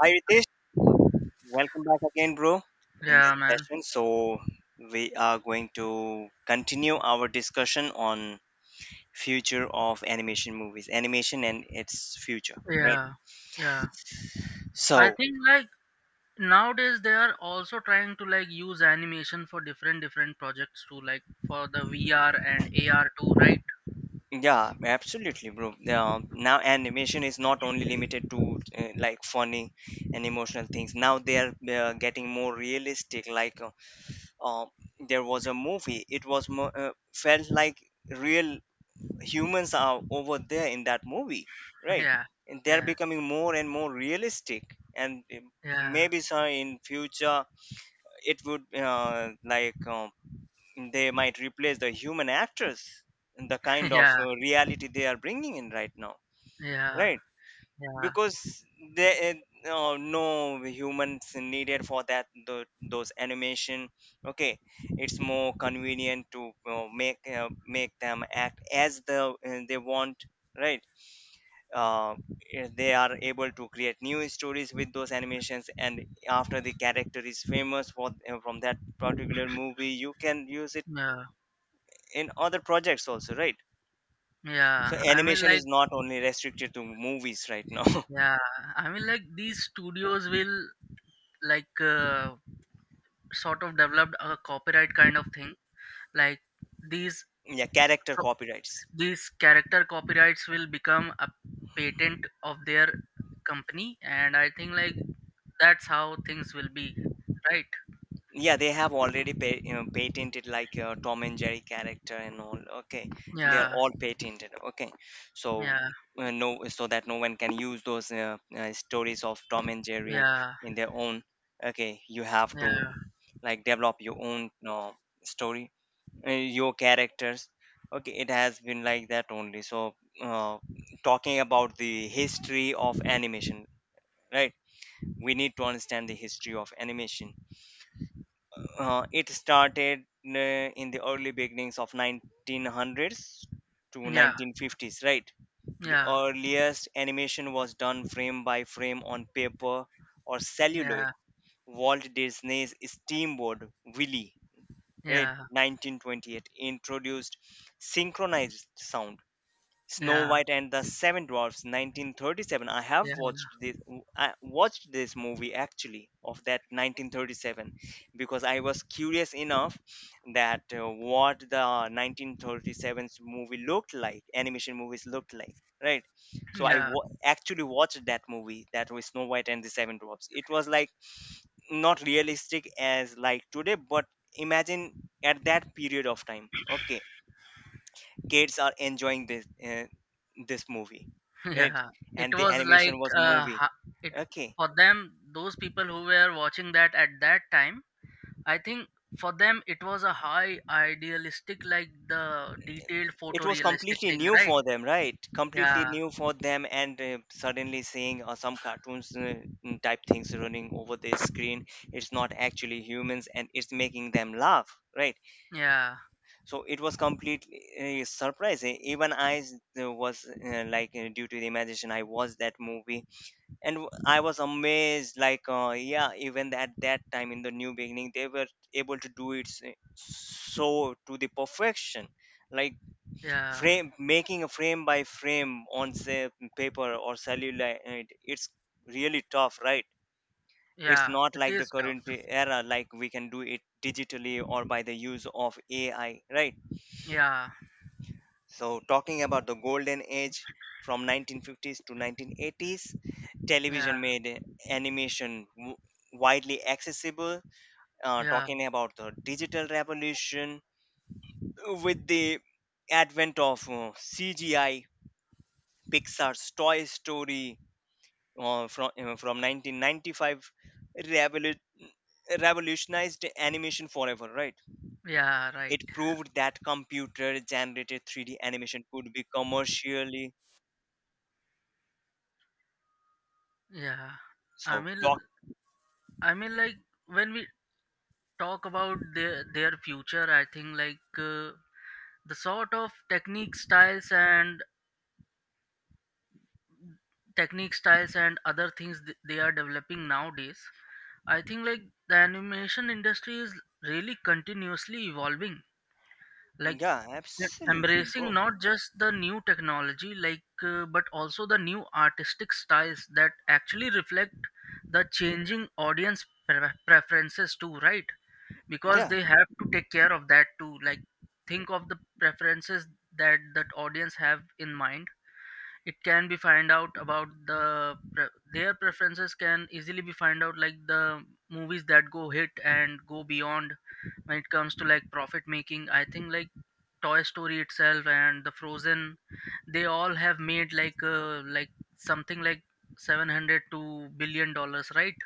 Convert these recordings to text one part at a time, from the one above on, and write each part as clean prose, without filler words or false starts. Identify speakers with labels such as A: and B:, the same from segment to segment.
A: Hi Ritesh, welcome back again, bro, in this
B: Yeah, man.
A: session. So, we are going to continue our discussion on future of animation movies, animation and its future, right?
B: Yeah, yeah. I
A: So,
B: think like nowadays they are also trying to like use animation for different different projects too, like for the VR and AR too, right?
A: yeah, absolutely, bro. Now animation is not only limited to like funny and emotional things. Now they are getting more realistic. Like, uh, there was a movie. It was more, felt like real humans are over there in that movie, right?
B: Yeah,
A: And they're
B: yeah,
A: becoming more and more realistic and
B: yeah,
A: maybe so in future it would they might replace the human actors in the kind of
B: yeah,
A: reality they are bringing in right now,
B: yeah,
A: right?
B: yeah,
A: Because they no humans needed for those animation. Okay, it's more convenient to make make them act as the they want, right? uh, they are able to create new stories with those animations, and after the character is famous for from that particular movie, you can use it
B: yeah,
A: in other projects also, right? So
B: yeah. I mean
A: animation
B: like
A: is not only restricted to movies right now.
B: yeah, I mean like these studios will like sort of developed a copyright kind of thing, like these.
A: Yeah, character copyrights.
B: These character copyrights will become a patent of their company, and I think like that's how things will be, right?
A: Yeah, they have already patented like Tom and Jerry character and all, okay. They are
B: Yeah,
A: all patented, okay. So
B: yeah,
A: no, so that no one can use those stories of Tom and Jerry
B: yeah,
A: in their own. Okay, you have to
B: yeah,
A: like develop your own story, your characters. Okay, it has been like that only. So uh, talking about the history of animation, right, we need to understand the history of animation. It started uh, in the early beginnings of 1900s to
B: yeah,
A: 1950s, right? The
B: yeah,
A: earliest animation was done frame by frame on paper or celluloid.
B: yeah,
A: Walt Disney's Steamboat Willie, right?
B: yeah,
A: 1928 introduced synchronized sound. Snow
B: yeah,
A: White and the Seven Dwarfs 1937, I have
B: yeah,
A: watched this. I watched this movie actually of that 1937, because I was curious enough that what the 1937 movie looked like, animation movies looked like, right? So I
B: yeah,
A: actually watched that movie. That was Snow White and the Seven Dwarfs. It was like not realistic as like today, but imagine at that period of time, okay, kids are enjoying this this movie, right?
B: yeah. It
A: And the
B: was
A: animation
B: like
A: was movie,
B: it
A: okay.
B: for them. Those people who were watching that at that time, I think for them it was a high idealistic, like the detailed
A: It was
B: photorealistic
A: completely
B: thing,
A: new
B: right?
A: for them, right? Completely
B: Yeah,
A: new for them. And suddenly seeing some cartoons, type things running over the screen, it's not actually humans and it's making them laugh, right?
B: yeah.
A: So it was completely surprising. Was due to the imagination I watched that movie, and I was amazed, like yeah, even at that time in the new beginning they were able to do it so to the perfection, like
B: Yeah,
A: frame making a frame by frame on say paper or cellulite. It's really tough, right? It's
B: yeah,
A: not
B: it
A: like the
B: is tough.
A: current era, like we can do it digitally or by the use of AI, right?
B: Yeah,
A: So, talking about the golden age from 1950s to 1980s,
B: yeah,
A: television made animation widely accessible.
B: yeah,
A: Talking about the digital revolution, with the advent of CGI, Pixar's Toy Story from 1995 revolu- revolutionized animation forever. Right?
B: yeah, right.
A: It proved that computer-generated 3D animation could be commercially
B: Yeah. I
A: so.
B: mean, I mean, like when we talk about their future, I think like the sort of technique styles and other things they are developing nowadays. I think like the animation industry is really continuously evolving, like
A: Yeah, absolutely,
B: embracing
A: bro.
B: not just the new technology, like but also the new artistic styles that actually reflect the changing audience preferences too, right? Because
A: Yeah,
B: they have to take care of that too, like think of the preferences that that audience have in mind. It can be find out about the their preferences can easily be find out, like the movies that go hit and go beyond when it comes to like profit making. I think like Toy Story itself and the Frozen, they all have made like something like 700 to billion dollars, right?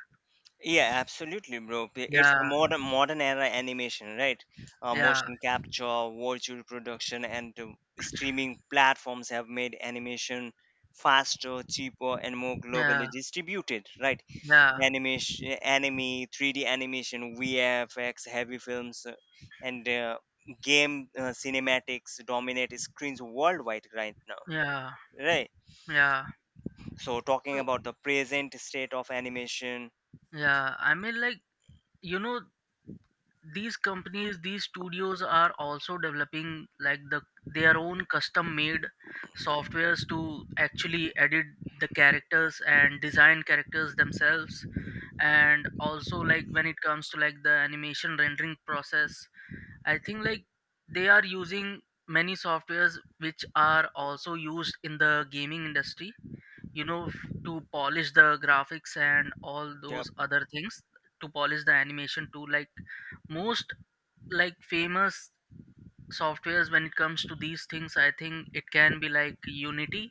A: yeah, absolutely, bro. It's a
B: Yeah,
A: modern era animation, right?
B: yeah,
A: Motion capture, virtual production, and streaming platforms have made animation faster, cheaper, and more
B: yeah,
A: globally distributed, right?
B: yeah,
A: Animation, anime, 3D animation, VFX, heavy films, and game cinematics dominate screens worldwide right now,
B: yeah,
A: right?
B: yeah.
A: So talking
B: So
A: about the present state of animation,
B: yeah, I mean like you know these companies, these studios are also developing like their own custom made softwares to actually edit the characters and design characters themselves. And also like when it comes to like the animation rendering process, I think like they are using many softwares which are also used in the gaming industry, you know f- to polish the graphics and all
A: yep,
B: those other things, to polish the animation too. Like most, like famous softwares when it comes to these things, I think it can be like Unity,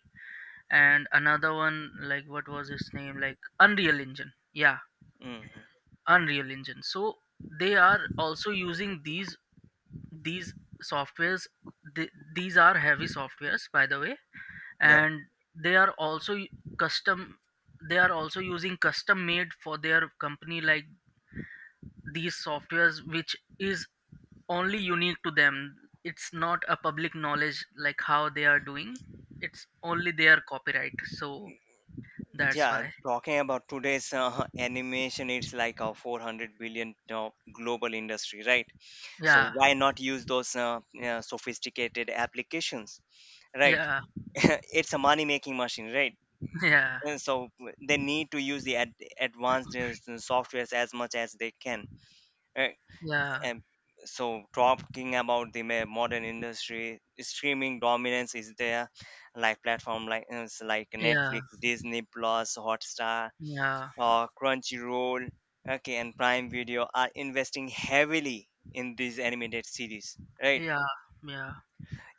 B: and another one, like what was his name, like Unreal Engine, yeah,
A: hmm,
B: Unreal Engine. So they are also using these softwares. These are heavy softwares, by the way,
A: yeah,
B: and they are also custom, they are also using custom made for their company, like these softwares which is only unique to them. It's not a public knowledge like how they are doing. It's only their copyright, so that's
A: yeah.
B: why.
A: Talking about today's animation, it's like a 400 billion global industry, right? So
B: Yeah,
A: why not use those sophisticated applications, right?
B: yeah,
A: It's a money making machine, right?
B: yeah,
A: And so they need to use the advanced softwares as much as they can, right?
B: yeah,
A: And so, talking about the modern industry, streaming dominance is there, like platform like it's like
B: yeah,
A: Netflix, Disney Plus, Hotstar,
B: yeah,
A: Crunchyroll, okay, and Prime Video are investing heavily in these animated series. Right,
B: yeah, yeah,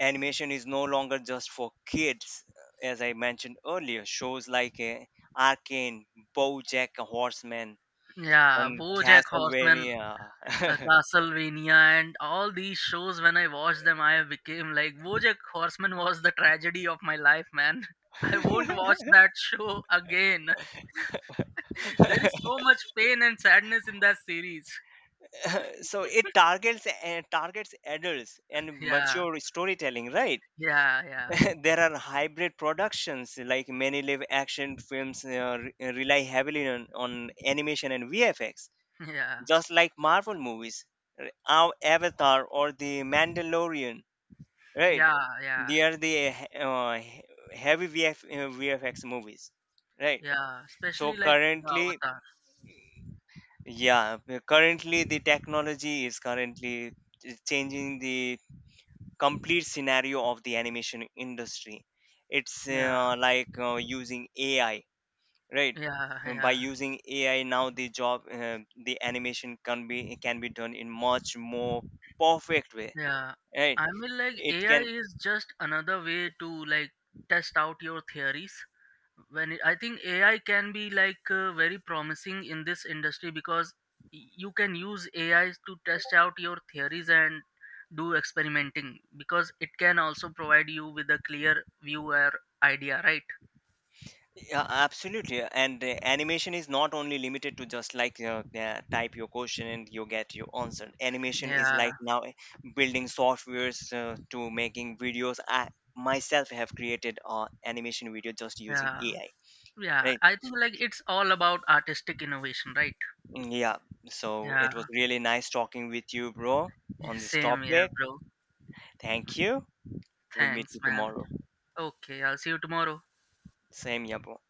A: animation is no longer just for kids, as I mentioned earlier. Shows like Arcane, BoJack Horseman,
B: yeah,
A: and
B: वो Jack Horseman.
A: Castlevania.
B: Castlevania and all these shows, when I watched them, I became like BoJack Horseman was the tragedy of my life, man. I won't watch that show again. There is so much pain and sadness in that series.
A: So it targets targets adults and
B: Yeah,
A: mature storytelling, right?
B: yeah, yeah,
A: There are hybrid productions, like many live action films rely heavily on animation and VFX,
B: yeah,
A: just like Marvel movies, r- our Avatar or The Mandalorian, right?
B: yeah, yeah,
A: They are the heavy VFX movies, right?
B: yeah,
A: So
B: especially like the
A: currently,
B: Avatar.
A: yeah, currently the technology is currently changing the complete scenario of the animation industry. It's
B: Yeah,
A: using AI, right?
B: yeah,
A: By
B: yeah,
A: using AI now, the job the animation can be done in much more perfect way,
B: yeah.
A: right?
B: I mean like
A: It
B: AI
A: can.
B: is just another way to like test out your theories. I think AI can be like very promising in this industry, because you can use AI to test out your theories and do experimenting, because it can also provide you with a clear view or idea, right?
A: Yeah, absolutely. And animation is not only limited to just like type your question and you get your answer. Animation is
B: Yeah,
A: like now building softwares to making videos. I myself have created an animation video just using
B: yeah,
A: AI.
B: yeah,
A: Right?
B: I think like it's all about artistic innovation, right?
A: Yeah. So
B: Yeah,
A: it was really nice talking with you, bro, on this
B: same here,
A: topic.
B: bro.
A: Thank you. We'll meet
B: Thanks,
A: you
B: man.
A: tomorrow.
B: Okay, I'll see you tomorrow.
A: Same, yeah, bro.